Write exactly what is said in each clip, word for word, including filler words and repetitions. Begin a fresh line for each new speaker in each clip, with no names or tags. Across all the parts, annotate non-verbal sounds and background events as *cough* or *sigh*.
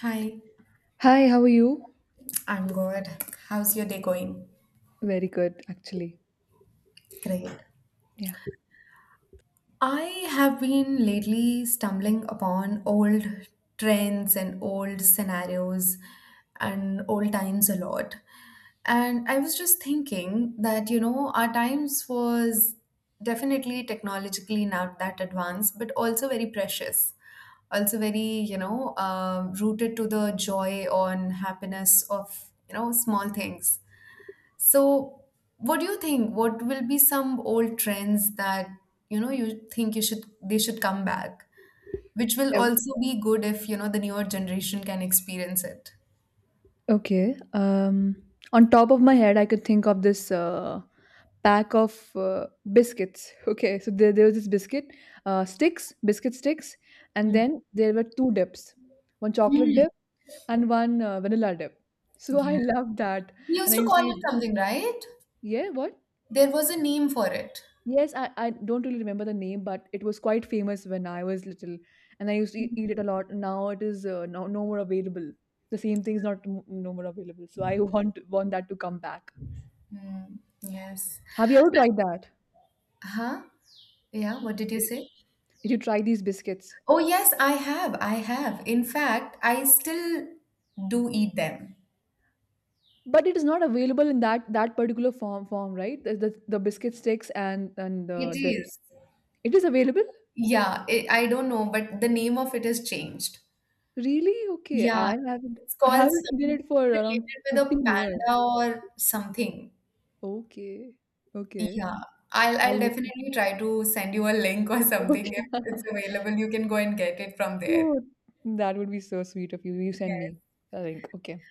Hi,
Hi, how are you?
I'm good. How's your day going?
Very good, actually.
Great.
Yeah.
I have been lately stumbling upon old trends and old scenarios and old times a lot. And I was just thinking that, you know, our times was definitely technologically not that advanced, but also very precious. Also very, you know, um rooted to the joy on happiness of, you know, small things. So, what do you think? What will be some old trends that you know you think you should they should come back, which will
Oh.
also be good if you know the newer generation can experience it.
Okay. Um, on top of my head, I could think of this uh, pack of uh, biscuits. *laughs* Okay, so there, there was this biscuit uh, sticks, biscuit sticks, and
Hmm.
then there were two dips, one chocolate
Hmm.
dip and one uh, vanilla dip. So *laughs* I
Yeah.
loved that,
We used
and I
to
used to
call
eat.
it something, right?
Yeah, what?
There was a name for it.
Yes, I, I don't really remember the name, but it was quite famous when I was little, and I used to eat eat it a lot. Now it is uh, no, no more available. The same thing is not m- no more available. So I *laughs* want want that to come back.
Hmm. Yes.
Have you ever tried that?
Huh? Yeah, what did you
Did you,
say?
did you try these biscuits?
Oh, yes, I have. I have. In fact, I still do eat them.
But it is not available in that that particular form form, right? The, the, the biscuit sticks and and
It
the dips.
is.
It is available?
Yeah, it, I don't know, but the name of it has changed.
Really? Okay.
Yeah,
I haven't
it's
I
called
haven't eaten
some
it for around
related with a
fifteen years.
panda or something.
Okay. Okay.
Yeah, I'll I'll
I'll look.
definitely try to send you a link or
*laughs*
something if
Okay.
it's available. You can go and get it from there.
Oh, that would be so sweet of you. You send me
Yes.
a link. Okay.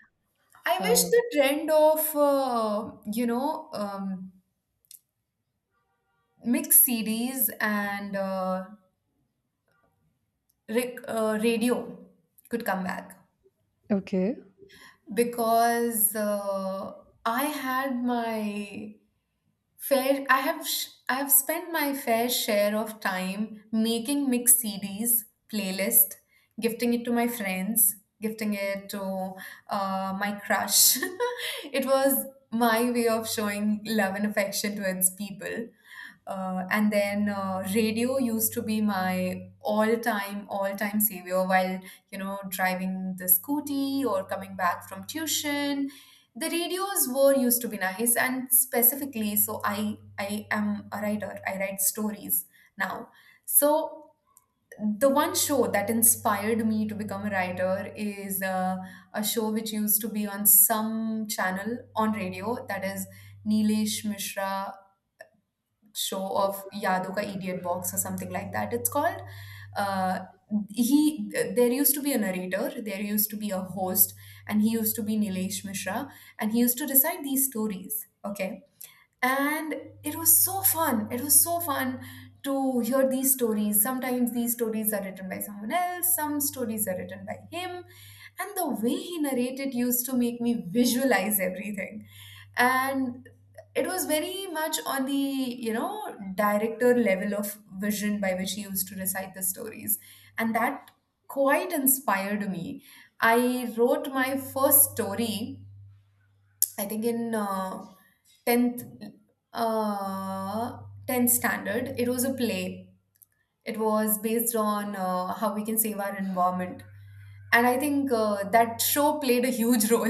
I wish
Uh,
the trend of uh, you know um, mixed C Ds and uh, rec- uh, radio could come back
okay.
because uh, I had my fair, I have sh- I have spent my fair share of time making mixed C Ds, playlist, gifting it to my friends, gifting it to uh, my crush. *laughs* It was my way of showing love and affection towards people. Uh, and then uh, Radio used to be my all-time, all-time savior while, you know, driving the scooty or coming back from tuition. The radios were used to be nice and specifically, so i i am a writer, I write stories now. So the one show that inspired me to become a writer is uh, a show which used to be on some channel on radio, that is Nilesh Mishra show of Yadu Ka Idiot Box or something like that, it's called. Uh, he, there used to be a narrator, there used to be a host, and he used to be Nilesh Mishra, and he used to recite these stories. Okay, and it was so fun, it was so fun to hear these stories. Sometimes these stories are written by someone else, some stories are written by him, and the way he narrated used to make me visualize everything. And it was very much on the, you know, director level of vision by which he used to recite the stories, and that quite inspired me. I wrote my first story, I think in uh, tenth uh, tenth standard. It was a play. It was based on uh, how we can save our environment. And I think uh, that show played a huge role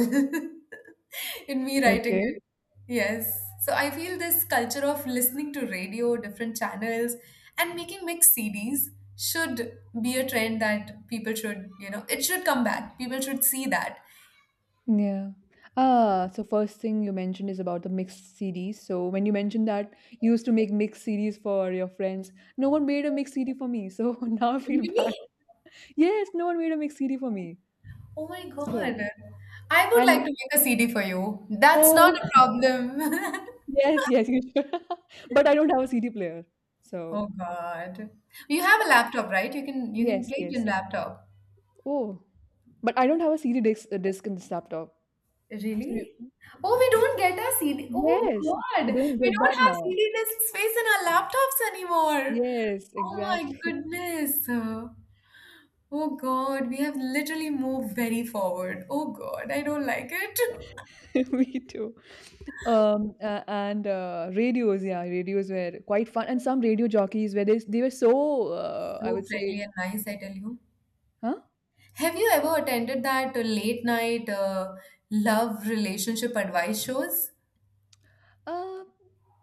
*laughs* in me writing
Okay.
it. Yes. So I feel this culture of listening to radio, different channels, and making mixed C Ds should be a trend that people should, you know, it should come back. People should see that.
Yeah. Ah, so first thing you mentioned is about the mixed C Ds. So when you mentioned that you used to make mixed C Ds for your friends, no one made a mixed C D for me. So *laughs* now I feel bad.
Really?
Yes, no one made a mixed C D for me.
Oh my God.
So
I would like to
and
make a C D for you. That's not
oh,
a problem. *laughs*
*laughs* yes, yes, you should. *laughs* But I don't have a C D player.
Oh
So
God. You have a laptop, right? You can you can
yes,
play it in
yes.
laptop.
Oh, but I don't have a C D disc, disc in this laptop. So
Really?
you,
Oh, we don't get a C D. Oh
Yes,
God.
we don't
We
get
don't
that
have
now.
C D disk space in our laptops anymore.
Yes,
Oh my
exactly.
goodness. Oh God, we have literally moved very forward. Oh God, I don't like it. *laughs*
*laughs* Me too. Um, uh, and uh, radios, yeah, radios were quite fun. And some radio jockeys were they, they were so, uh, I
So
would say,
friendly and nice, I tell you.
huh?
Have you ever attended that uh, late night uh, love relationship advice shows?
Uh,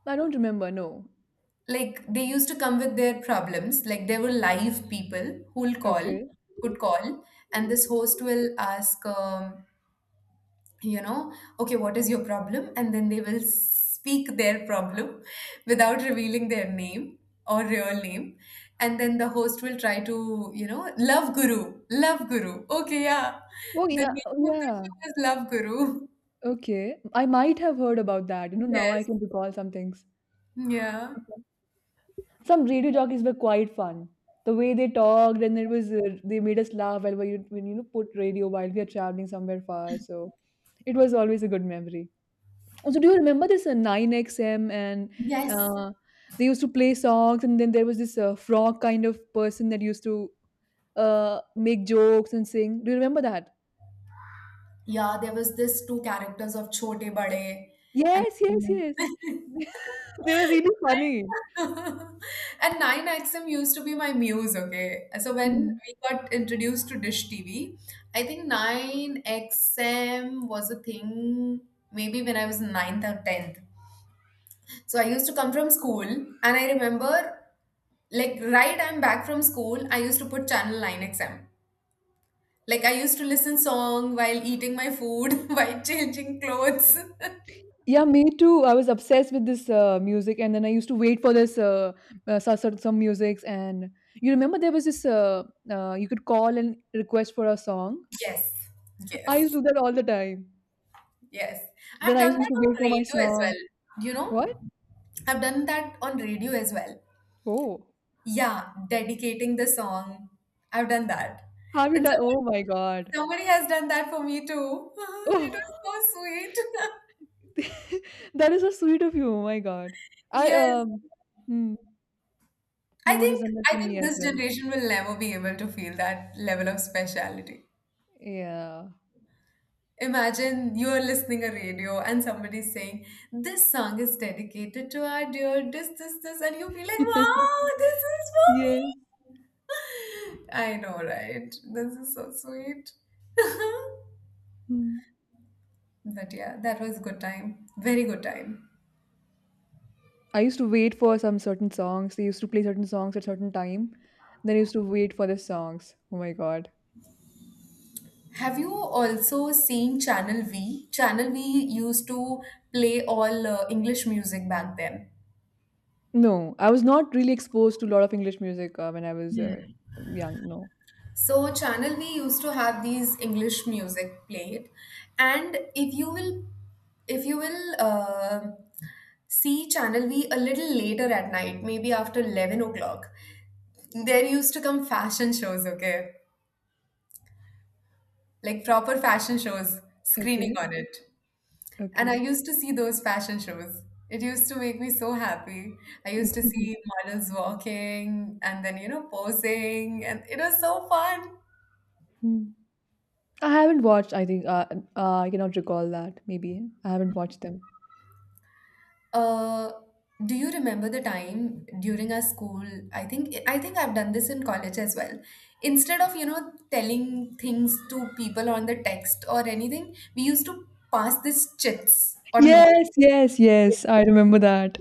I don't remember. No.
Like they used to come with their problems. Like there were live people who'll call,
Okay.
could call, and this host will ask, um, you know, okay, what is your problem? And then they will speak their problem *laughs* without revealing their name or real name. And then the host will try to, you know, love guru, love guru. Okay, yeah.
Oh
The
yeah.
name
Oh,
of the
yeah.
show is Love Guru.
Okay. I might have heard about that. You know,
*laughs*
now I
Yes.
can recall some things.
Yeah.
Some radio jockeys were quite fun. The way they talked, and it was uh, they made us laugh while we, when you know, put radio while we are traveling somewhere far. So it was always a good memory. Also, do you remember this uh, nine X M, and
Yes.
uh, they used to play songs, and then there was this uh, frog kind of person that used to uh, make jokes and sing. Do you remember that?
Yeah, there was this two characters of Chote Bade and
Yes, yes, yes.
*laughs*
*laughs* They were really funny.
and nine X M used to be my muse, okay? So when
Hmm.
we got introduced to Dish T V, I think nine X M was a thing maybe when I was ninth or tenth. So I used to come from school and I remember, like, right, I'm back from school, I used to put channel nine X M. Like I used to listen song while eating my food, *laughs* while changing clothes. *laughs*
Yeah, me too. I was obsessed with this uh, music, and then I used to wait for this uh, uh, so- so- some musics. And you remember there was this uh, uh, you could call and request for a song.
Yes,
I used to
yes,
do that all the time.
yes. I've
Then I
done
used
that
to
on
wait for my
radio as
song.
well. You know,
What?
I've done that on radio as well.
Oh,
Yeah, dedicating the song. I've done that.
have you
And
done? Oh my God.
somebody, somebody has done that for me too. *laughs* It
Oh,
was so sweet. *laughs*
*laughs* that is so sweet of you. Oh my God. I
Yes.
um, hmm,
I
no one has
think
done that
I
for me
think
as
this
well.
generation will never be able to feel that level of speciality.
Yeah.
Imagine you're listening a radio and somebody's saying, this song is dedicated to our dear this, this, this, and you feel like,
*laughs*
wow, this is
Yes.
for me. *laughs* I know, right? This is so sweet. *laughs*
Hmm.
But yeah, that was a good time. Very good time.
I used to wait for some certain songs. They used to play certain songs at certain time. Then I used to wait for the songs. Oh my god.
Have you also seen Channel V? Channel V used to play all uh, English music back then.
No, I was not really exposed to a lot of English music uh, when I was uh, young. No.
So, channel we used to have these English music played, and if you will, if you will uh, see channel V a little later at night, maybe after eleven o'clock, there used to come fashion shows. Okay, like proper fashion shows screening
Okay.
on it, and I
Okay.
used to see those fashion shows. It used to make me so happy. I used to see
*laughs*
models walking and then, you know, posing, and it was so fun.
Hmm. I haven't watched. I think uh, uh, I cannot recall that. Maybe I haven't watched them.
Uh, do you remember the time during our school? I think I think I've done this in college as well. Instead of, you know, telling things to people on the text or anything, we used to pass these chits or note.
Yes. Yes. Yes. I remember that.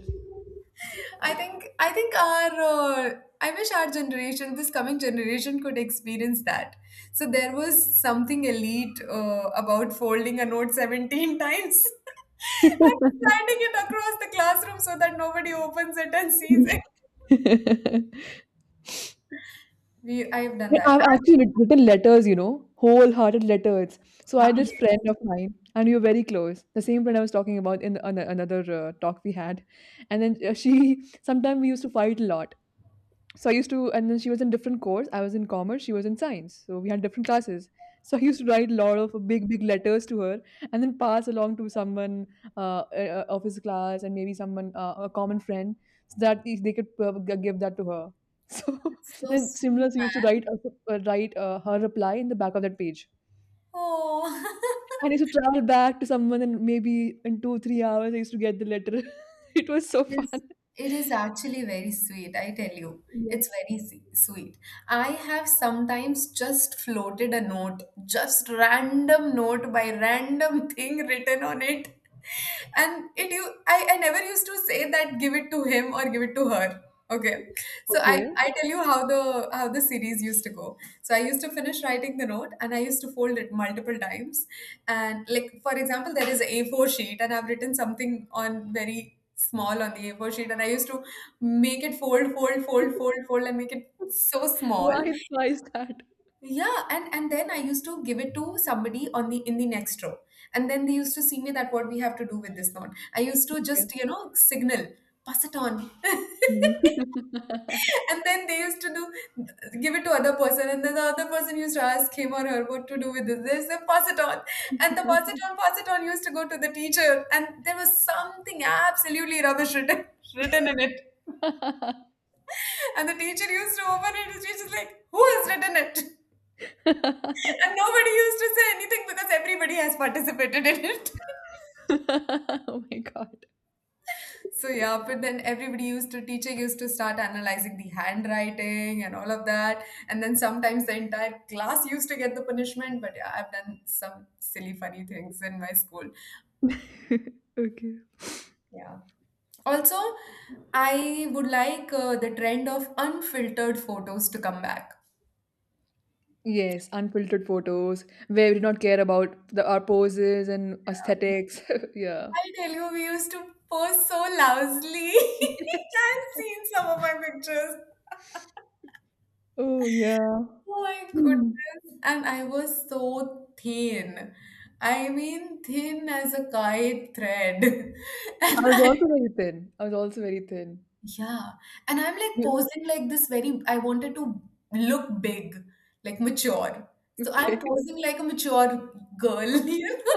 I think I think our uh, I wish our generation, this coming generation, could experience that. So there was something elite uh, about folding a note seventeen times *laughs* and sliding it across the classroom so that nobody opens it and sees it.
*laughs*
We I've done
Yeah,
that.
I've actually writ written letters, you know, wholehearted letters. So I
Ah,
had this friend
yes,
of mine, and we were very close. The same friend I was talking about in the, ano another uh, talk we had, and then uh, she *laughs* sometimes we used to fight a lot. So I used to, and then she was in different course. I was in commerce, she was in science. So we had different classes. *laughs* So I used to write a lot of big, big letters to her and then pass along to someone uh, uh, of his class and maybe someone, uh, a common friend, so that if they could uh, g- give that to her. *laughs* So
it's so
then
sweet,
similar, she used to
man.
write, uh, uh, write uh, her reply in the back of that page.
Oh,
And I used to travel back to someone and maybe in two, three hours, I used to get the letter. *laughs* It was so
*laughs* it
fun.
is, it is actually very sweet. I tell you, it's
Yes.
very se- sweet. I have sometimes just floated a note, just random note by random *laughs* thing written on it, *laughs* and it you I, I never used to say that give it to him or give it to her. Okay. So I,
Okay.
I tell you how the how the series used to go. So I used to finish writing the note and I used to fold it multiple times. And like for example, there is a four sheet and I've written something on very small on the A four sheet, and I used to make it fold, fold, fold, fold, fold and make it so small.
Why, why is that?
Yeah, and and then I used to give it to somebody on the in the next row. And then they used to see me that what we have to do with this note. I used to
Okay.
just, you know, signal, pass it on. *laughs*
Mhm.
And then they used to do give it to other person, and then the other person used to ask him or her what to do with this. They said, pass it on, and the pass it on, pass it on used to go to the teacher, and there was something absolutely rubbish written *laughs* written in it,
*laughs*
and the teacher used to open it, and she's just like, who has written it? *laughs* And nobody used to say anything because everybody has participated in it.
Oh my god.
So yeah, but then everybody used to, teacher used to start analyzing the handwriting and all of that. And then sometimes the entire class used to get the punishment. But yeah, I've done some silly, funny things in my school.
*laughs* Okay.
Yeah. Also, I would like uh, the trend of unfiltered photos to come back.
Yes, unfiltered photos where we do not care about the our poses and aesthetics. *laughs* Yeah.
I tell you, we used to post so lousily.
Yes.
*laughs* I've seen some of my pictures.
Oh yeah.
Oh my
Hmm.
goodness. And I was so thin. I mean, thin as a kite thread. *laughs*
I
And
was
I,
also very thin. I was also very thin.
yeah. And I'm like
You
posing like this very, I wanted to look big, like mature. So I'm
okay?
posing like a mature girl, *laughs* you know?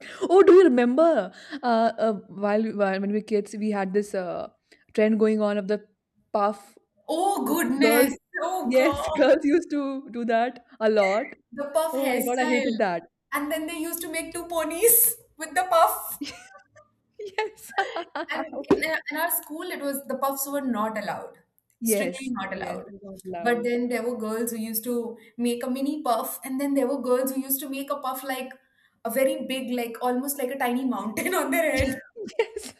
*laughs* Oh, do you remember? Uh, uh while, while when we were kids, we had this uh trend going on of the puff.
Oh goodness.
Girls,
Oh
yes, *laughs*
God.
girls used to do that a lot.
The puff
Oh my God, I
hairstyle.
hated that.
And then they used to make two ponies *laughs* with the puff.
*laughs* Yes.
And in, our-
*laughs*
in our school, it was the puffs were not allowed, strictly
Yes,
not
yes, it
allowed.
was not
But
loud.
then there were girls who used to make a mini puff, and then there were girls who used to make a puff like a very big, like almost like a tiny mountain *laughs* on their head.
*laughs* Yes.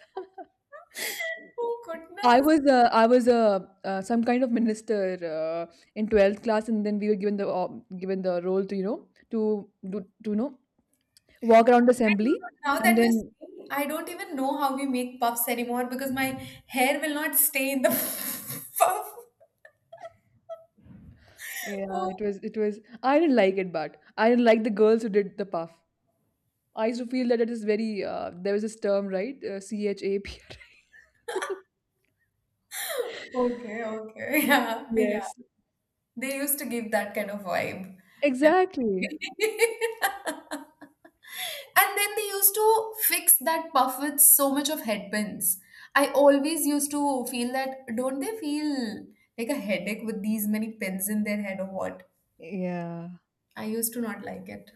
*laughs* Oh
I
goodness.
was uh, I was uh, uh, some kind of minister uh, in twelfth class, and then we were given the op- given the role to, you know, to do to you know, walk around the
I don't
assembly,
know. Now
and
that we're
then,
saying, I don't even know how we make puffs anymore because my hair will not stay in the *laughs* puff.
yeah,
Oh,
it was it was I didn't like it, but I didn't like the girls who did the puff. I used to feel that it is very, uh, there was this term, right? Uh, C H A P R I *laughs*
okay, okay. *laughs* Yeah, yeah.
Yes,
They used to give that kind of vibe.
exactly.
Definitely. *laughs* And then they used to fix that puff with so much of headpins. I always used to feel that, don't they feel like a headache with these many pins in their head or what?
Yeah.
I used to not like it.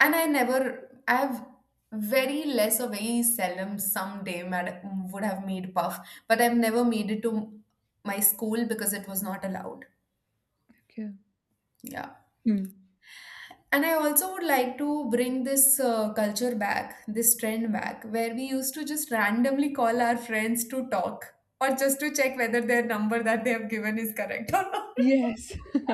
And I never, I have very less or very seldom someday mad, would have made puff, but I've never made it to my school because it was not allowed.
Okay.
Yeah.
Hmm.
And I also would like to bring this uh, culture back, this trend back, where we used to just randomly call our friends to talk or just to check whether their number that they have given is correct or not. *laughs*
Yes. *laughs*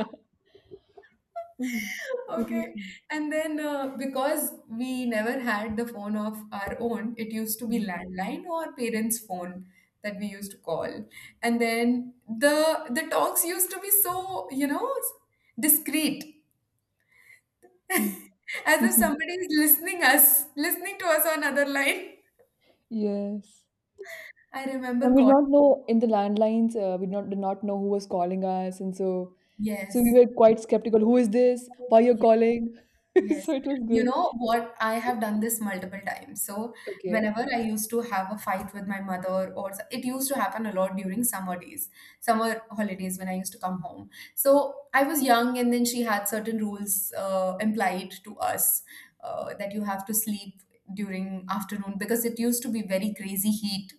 Mhm. It was.
Okay. And then uh, because we never had the phone of our own, it used to be landline or parents' phone that we used to call. And then the the talks used to be so, you know, discreet.
Mm.
As if
*laughs*
somebody is listening us, listening to us on other line.
Yes.
I remember
And we did
calling.
not know in the landlines, uh, we did not, did not know who was calling us. And so, so we
Yes.
were quite skeptical. Who is this? Why you're
Ye-
calling? *laughs* So
Yes.
it was
You
good.
know what? I have done this multiple times. So
Okay.
whenever I used to have a fight with my mother or s- it used to happen a lot during summer days, summer holidays when I used to come home. So I was young and then she had certain rules uh, implied to us uh, that you have to sleep during afternoon because it used to be very crazy heat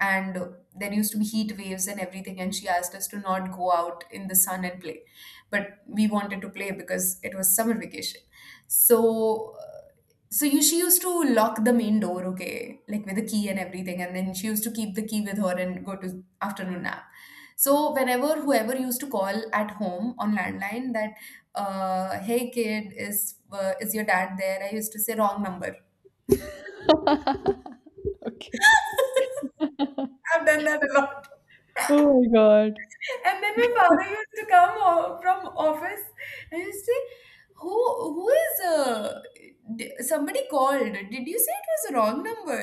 and there used to be heat waves and everything, and she asked us to not go out in the sun and play, but we wanted to play because it was summer vacation. So uh, so you, she used to lock the main door, okay, like with a key and everything, and then she used to keep the key with her and go to afternoon nap. So whenever whoever used to call at home on landline that uh, hey kid, is uh, is your dad there, I used to say wrong number.
*laughs* Okay.
*laughs* I've done that a lot.
Oh my
And then my father used to come o- from office and used to say, "Who who is uh, d- somebody called? Did you say it was a wrong number?"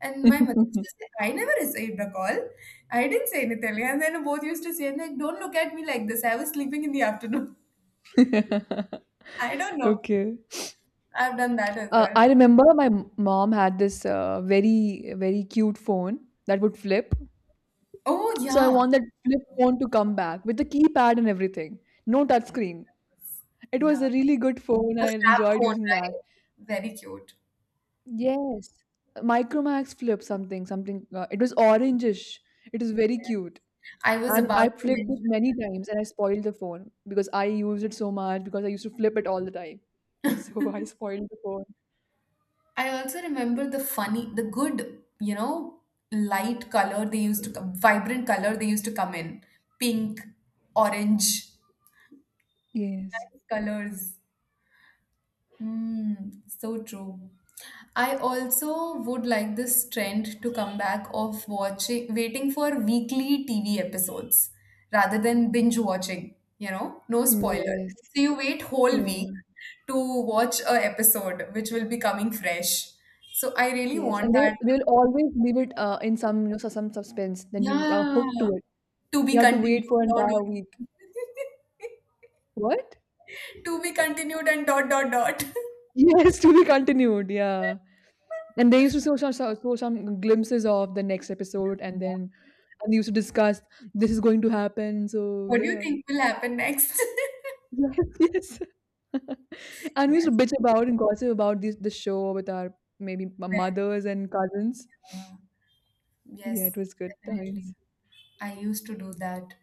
And my mother used
God.
to say, "I never received a call. I didn't say anything." And then both used to say, "Like, don't look at me like this. I was sleeping in the afternoon.
*laughs*
*laughs* I don't know.
Okay.
I've done that as
Uh,
well."
I remember my m- mom had this uh, very, very cute phone that would flip.
Oh
So I
yeah,
want that flip phone to come back with the keypad and everything. No
oh, yeah.
touchscreen.
Yes.
It was
Yeah.
a really good phone.
The
I
flap
enjoyed
phone,
using that.
right? Very cute.
Yes. Micromax flip something, something. Uh, it was orangish. It was very cute.
I was
And
about
I
to
flipped
mention.
it many times, and I spoiled the phone because I used it so much because I used to flip it all the time. *laughs* So I spoiled the phone.
I also remember the funny, the good, you know, light color they used to come, vibrant color they used to come in. Pink, orange,
Yes.
nice colors. Mm, so true. I also would like this trend to come back of watching, waiting for weekly T V episodes rather than binge watching, you know, no spoiler.
Yes.
So you wait whole
Yeah.
week to watch a episode which will be coming fresh. So I really
Yes,
want
and they
that.
they will always leave it uh, in some, you know, so- some suspense. Then you are
Yeah.
hooked to it.
To be
You have to
continued.
wait for an
Dot,
entire week.
dot, dot. *laughs*
What? *laughs*
To be continued and dot dot dot.
Yes, to be continued. Yeah, and they used to show some show show some glimpses of the next episode, and
*laughs*
then and they used to discuss this is going to happen. So
What do you
yeah,
think will happen next? *laughs*
yes, *laughs* yes. *laughs* And we used to
Yes,
bitch about and gossip about this the show with our, maybe m-
well,
mothers and cousins.
uh,
Yeah,
yes,
it was good
definitely.
times.
I used to do that.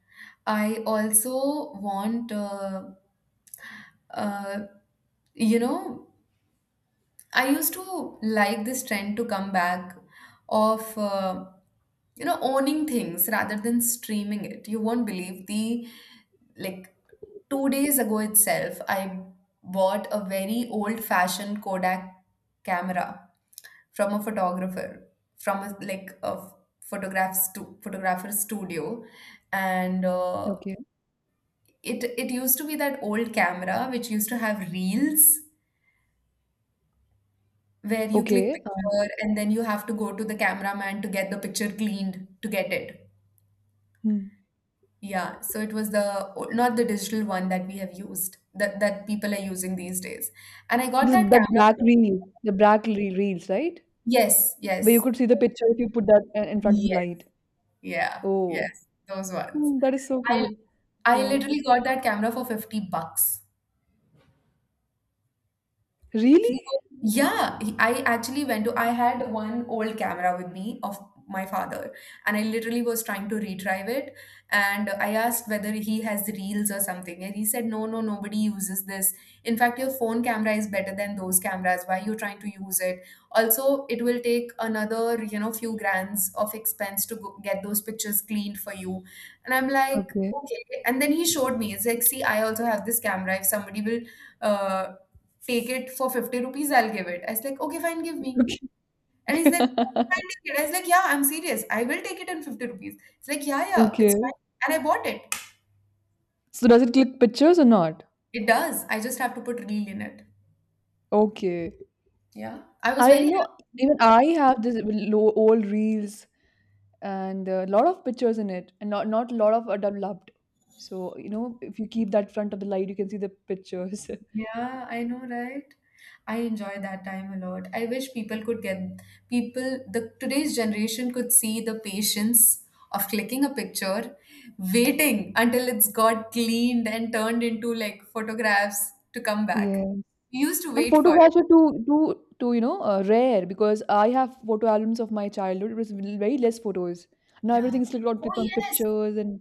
I also want, uh, uh, you know, I used to like this trend to come back of uh, you know, owning things rather than streaming it. You won't believe, the like two days ago itself, I bought a very old-fashioned Kodak camera from a photographer, from a, like a photograph stu- photographer studio, and uh,
Okay,
it it used to be that old camera which used to have reels where you click
okay. Uh,
picture and then you have to go to the cameraman to get the picture cleaned to get it.
hmm.
Yeah, so it was the o- not the digital one that we have used, that that people are using these days. And I got
This
that
that
camera.
black reel, the black reel reels, right?
Yes,
Where you
yes,
could see the picture if you put that i- in front of the
yes,
light.
yeah, yeah,
Oh,
yes, those ones.
hmm, that is so
I
cool.
I
Yeah.
literally got that camera for fifty bucks.
Really?
He, yeah, he- I actually went to, I had one old camera with me of my father, and I literally was trying to retrieve it. And I asked whether he has reels or something, and he said, no, no, nobody uses this. In fact, your phone camera is better than those cameras. Why are you trying to use it? Also, it will take another, you know, few grands of expense to go get those pictures cleaned for you. And I'm like,
Okay.
okay. And then he showed me. It's like, see, I also have this camera. If somebody will uh, take it for fifty rupees, I'll give it. I was like, okay, fine, give me.
*laughs*
And he's
Okay.
like, "Okay,
*laughs*
fine, take it. I was like, yeah, I'm serious. I will take it in fifty rupees. It's like, yeah, yeah, it's
Okay.
fine. And I bought it.
So does it click pictures or not?
It does. I just have to put reel in it.
Okay.
Yeah. I was
I
very
know, even
happy.
I have this low old reels and a lot of pictures in it, and not not a lot of are developed. So you know, if you keep that front of the light, you can see the pictures. *laughs*
Yeah, I know, right? I enjoy that time a lot. I wish people could get, people, the today's generation could see the patience of clicking a picture, waiting until it's got cleaned and turned into like photographs to come back.
Yeah.
We used to
And
wait for it.
photographs are too too too you know uh, rare because I have photo albums of my childhood. It was very less photos. Now
Yeah.
everything's clicked on
Oh
clicked on
yes,
pictures, and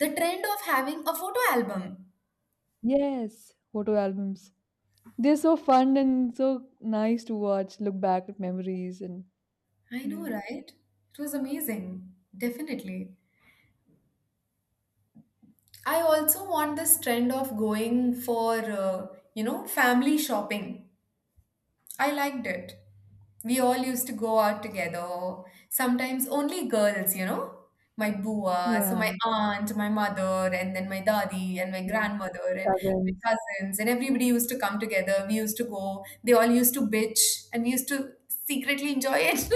the trend of having a photo album.
yes, photo albums. They're so fun and so nice to watch. Look back at memories and
I know,
yeah,
right? It was amazing. Definitely. I also want this trend of going for, uh, you know, family shopping. I liked it. We all used to go out together, sometimes only girls, you know. My bua, so
yeah,
my aunt, my mother, and then my daddy, and my
yeah.
grandmother, and my
Cousins.
cousins, and everybody used to come together. We used to go, they all used to bitch, and we used to secretly enjoy it.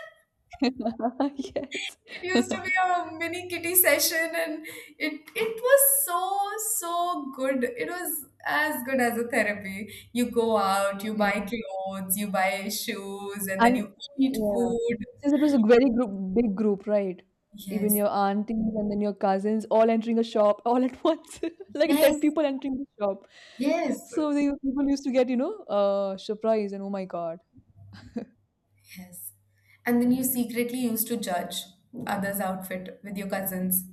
*laughs*
*laughs* Yes,
It
*laughs*
used to be a mini kitty session, and it it was so so good. It was as good as a therapy. You go out, you
yeah,
buy clothes, you buy shoes, and then
and
you eat
yeah.
food.
Since it was a very group, big group, right? Even
Yes,
your aunties and then your cousins all entering a shop all at *laughs* once, like ten
yes,
people entering the shop.
yes,
So the people used to get, you know, uh, surprised and oh my God. *laughs*
yes. And then you secretly used to judge others' outfit with your cousins.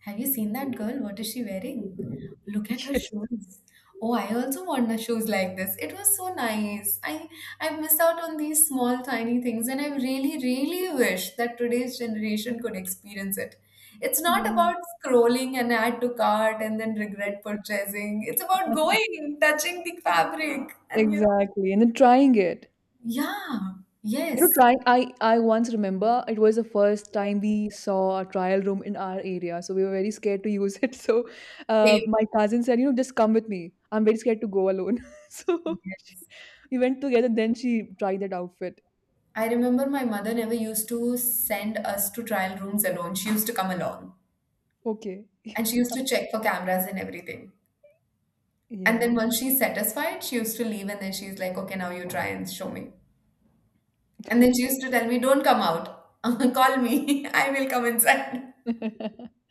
Have you seen that girl? What is she wearing? Look at her
Yes.
shoes. Oh, I also want the shoes like this. It was so nice. I I miss out on these small tiny things, and I really really wish that today's generation could experience it. It's not
Mhm.
about scrolling and add to cart and then regret purchasing. It's about going, touching the fabric, and you know.
Exactly. And then trying it.
Yeah.
You know,
Yes.
trying. I I once remember it was the first time we saw a trial room in our area, so we were very scared to use it. *laughs* So, uh,
Same.
my cousin said, you know, just come with me. I'm very scared to go alone. *laughs* So she,
Yes.
we went together. Then she tried that outfit.
I remember my mother never used to send us to trial rooms alone. She used to come along.
Okay. *laughs*
And she used to check for cameras and everything. And
Yeah.
then once she's satisfied, she used to leave, and then she's like, okay, now you try and show me. And then
Okay.
she used to tell me, don't come out. *laughs* Call me. *laughs* I will come inside. *laughs*
*laughs*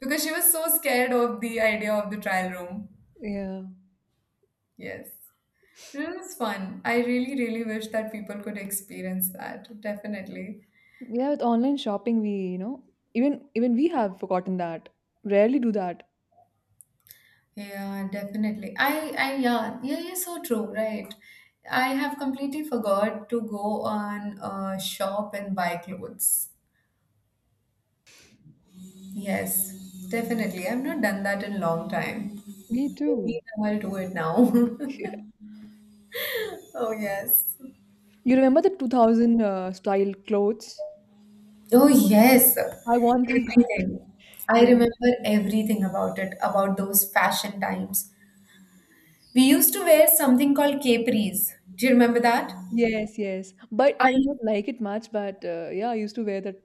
Because she was so scared of the idea of the trial room.
Yeah.
Yes. It was fun. I really, really wish that people could experience that. Definitely.
Yeah, with online shopping, we, you know, even even we have forgotten that. Rarely do that.
Yeah, definitely. I, I, yeah, yeah, yeah, so true, right? I have completely forgot to go on a shop and buy clothes. Yes, definitely. I've not done that in a long time.
Me
Maybe
too.
I'll do it now. *laughs*
*laughs*
Oh, yes.
You remember the two thousand uh, style clothes?
Oh, yes.
I want them back.
Everything.
*laughs*
I
Yeah.
remember everything about it, about those fashion times. We used to wear something called capris. Do you remember that?
Yes, yes. But I did
I
not like it much, but uh, yeah, I used to wear that.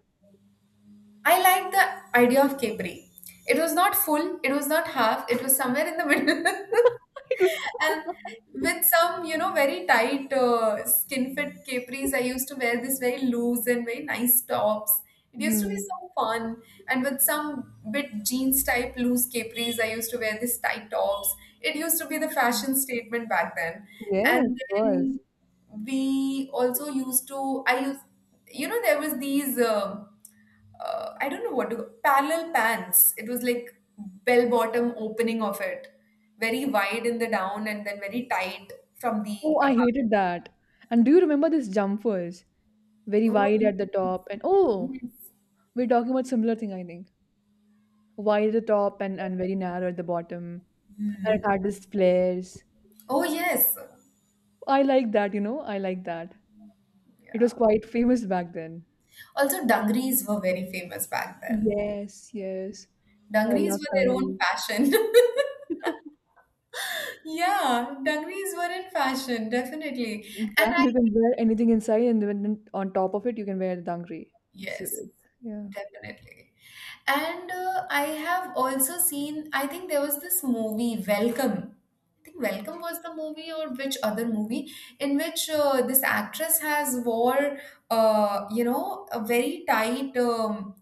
I like the idea of capri. It was not full, it was not half, it was somewhere in the middle. *laughs*
*laughs* It was
And with some, you know, very tight uh, skin fit capris, I used to wear this very loose and very nice tops. It used to be
hmm.
so fun. And with some bit jeans type loose capris, I used to wear this tight tops. It used to be the fashion statement back then.
Yes,
And
it
then
was.
we also used to, I used you know there was these um uh, I don't know what to, parallel pants. It was like bell bottom opening of it, very wide in the down and then very tight from the
Oh,
above.
I hated that. And do you remember this jumpers? Very wide
Oh
at the top and oh,
yes.
we're talking about similar thing, I think. Wide at the top and, and very narrow at the bottom. And it had these flares.
Oh yes.
I like that, you know, I like that. It
Yeah.
was quite famous back then.
Also, dungarees were very famous back then.
Yes, yes. I
Dungarees
love
were their own
dungarees.
fashion. *laughs*
*laughs*
Yeah, dungarees were in fashion, definitely. And I,
Exactly, you can wear anything inside, and then on top of it, you can wear the dungaree. It's,
yes,
it's yeah.
definitely. And uh, I have also seen, I think there was this movie, Welcome. I think Welcome was the movie, or which other movie, in which uh, this actress has wore, uh, you know, a very tight um,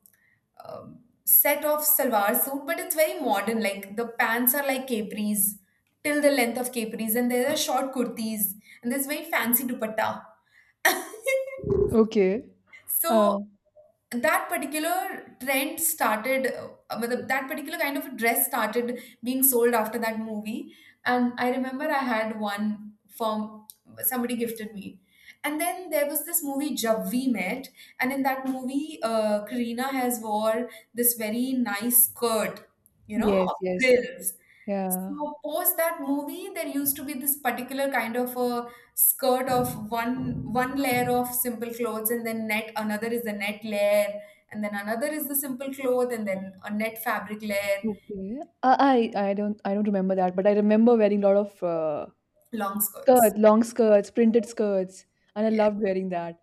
um, set of salwar suit, but it's very modern. Like the pants are like capris, till the length of capris, and there are short kurtis, and there's very fancy dupatta. *laughs*
Okay. Uh,
So that particular trend started, uh, matlab, that particular kind of dress started being sold after that movie. And I remember I had one from, somebody gifted me. And then there was this movie Jab We Met, and in that movie, uh, Karina has wore this very nice skirt, you know,
yes,
of
yes,
frills.
yeah.
So post that movie, there used to be this particular kind of a skirt of one one layer of simple clothes and then net, another is the net layer, and then another is the simple cloth and then a net fabric layer.
Okay. Uh, I I don't I don't remember that, but I remember wearing a lot of uh,
Long skirts,
skirts, long skirts, printed skirts, and I
yeah.
loved wearing that.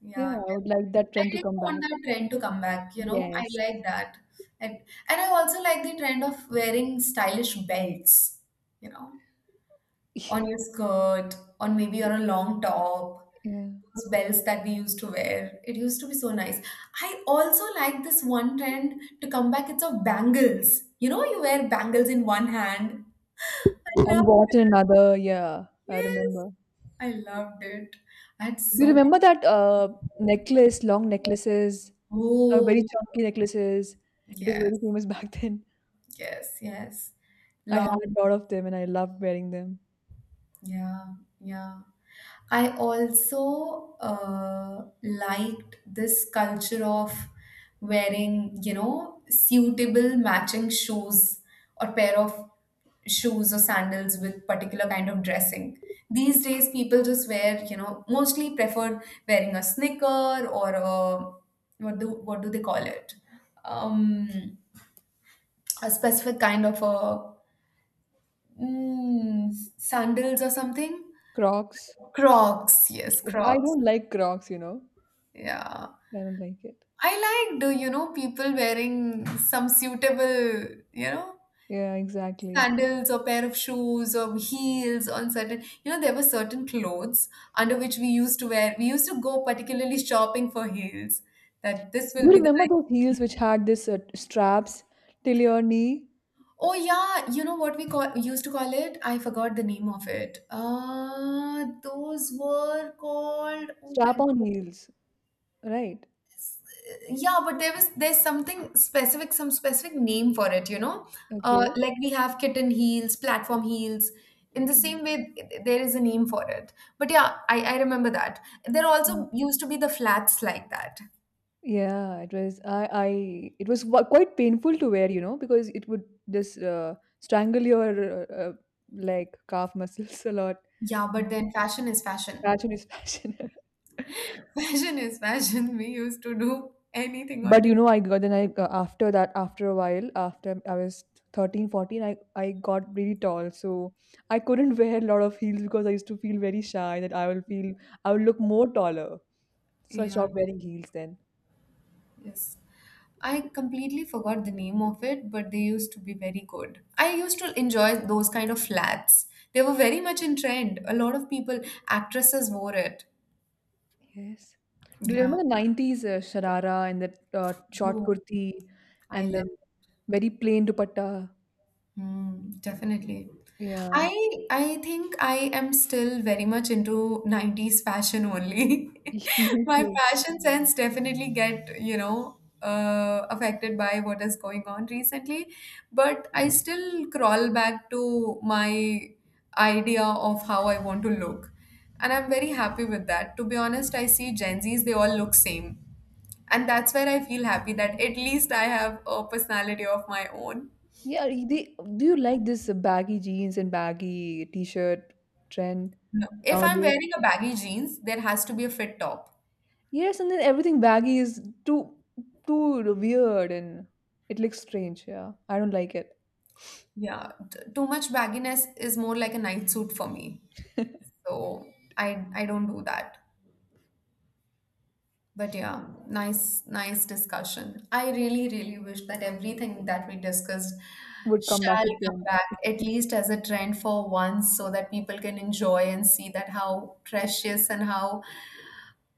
Yeah,
Yeah, I would
definitely.
like that
I
trend to
really
come
want
back.
that trend to come back, you know, I
Yes.
like that. And and I also like the trend of wearing stylish belts, you know, on your
*laughs*
skirt, on maybe on a long top,
Yeah.
those belts that we used to wear. It used to be so nice. I also like this one trend to come back. It's of bangles. You know, you wear bangles in one hand. *laughs* I love
And what
it.
in another? Yeah, I
Yes,
remember.
I loved it. I had
Do
so
you
many.
remember that uh necklace, long necklaces? Or very
Oh,
chunky necklaces. It was very
yes,
famous *laughs* back then.
yes, yes.
I had
Long.
a lot of them, and I loved wearing them.
Yeah, yeah. I also uh, liked this culture of wearing, you know, suitable matching shoes or pair of shoes or sandals with particular kind of dressing. These days, people just wear, you know, mostly preferred wearing a sneaker or a, what do what do they call it? Um, a specific kind of a, mm, sandals or something.
Crocs.
Crocs, yes,
I
Crocs.
don't like Crocs, you know.
Yeah.
I don't like it.
I liked, uh, you know, people wearing some suitable, you know,
Yeah, exactly.
sandals or pair of shoes or heels on certain, you know, there were certain clothes under which we used to wear. We used to go particularly shopping for heels. That this
Do
will
you
be the
remember those
nice.
heels which had this uh, straps till your knee?
Oh yeah, you know what we call used to call it? I forgot the name of it. Uh, those were called. Oh my.
Strap on heels, right?
Yeah, but there was there's something specific, some specific name for it, you know? Uh,
Okay.
like we have kitten heels, platform heels. In the
Okay.
same way, th- there is a name for it. But yeah, I, I remember that. There
Mm.
also used to be the flats like that.
Yeah, it was I I it was wa- quite painful to wear, you know, because it would just uh, strangle your uh, uh, like calf muscles *laughs* a lot.
Yeah, but
Mm.
then fashion is fashion.
Fashion is fashion. *laughs*
*laughs* Fashion is fashion. We used to do anything on
But
the.
you know I got then I, uh, after that, after a while, after I was thirteen, fourteen, i i got really tall, so I couldn't *laughs* wear a lot of heels because I used to feel very shy that i will feel I will look more taller, so I
Yeah.
stopped wearing heels then.
Yes. I completely forgot the name of it, but they used to be very good. I used to enjoy those kind of flats. They were very much in trend. A lot of people, actresses wore it.
Yes, do you
Yeah.
remember the nineties uh, sharara and that uh, short
Oh,
kurti
I
and then
love it.
very plain dupatta.
Mm, definitely. I
Yeah.
I think I am still very much into nineties fashion only.
*laughs*
*laughs*
Me
My
too.
fashion sense definitely get, you know, uh, affected by what is going on recently, but I still crawl back to my idea of how I want to look. And I'm very happy with that. To be honest, I see Gen Zs, they all look same. And that's where I feel happy that at least I have a personality of my own.
Yeah, they, do you like this baggy jeans and baggy t-shirt trend
No. If I'm
nowadays?
wearing a baggy jeans, there has to be a fit top.
Yes, and then everything baggy is too too weird, and it looks strange. Yeah, I don't like it.
Yeah, t- too much bagginess is more like a night suit for me. So I I don't do that. But yeah, nice nice discussion. I really really wish that everything that we discussed
Would come back
shall
to
come
trend.
back at least as a trend for once so that people can enjoy and see that how precious and how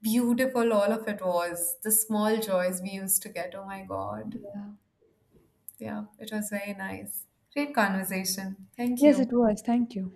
beautiful all of it was. The small joys we used to get. Oh my God.
Yeah.
Yeah, it was very nice. Great conversation. Thank
Yes,
you.
it was. Thank you.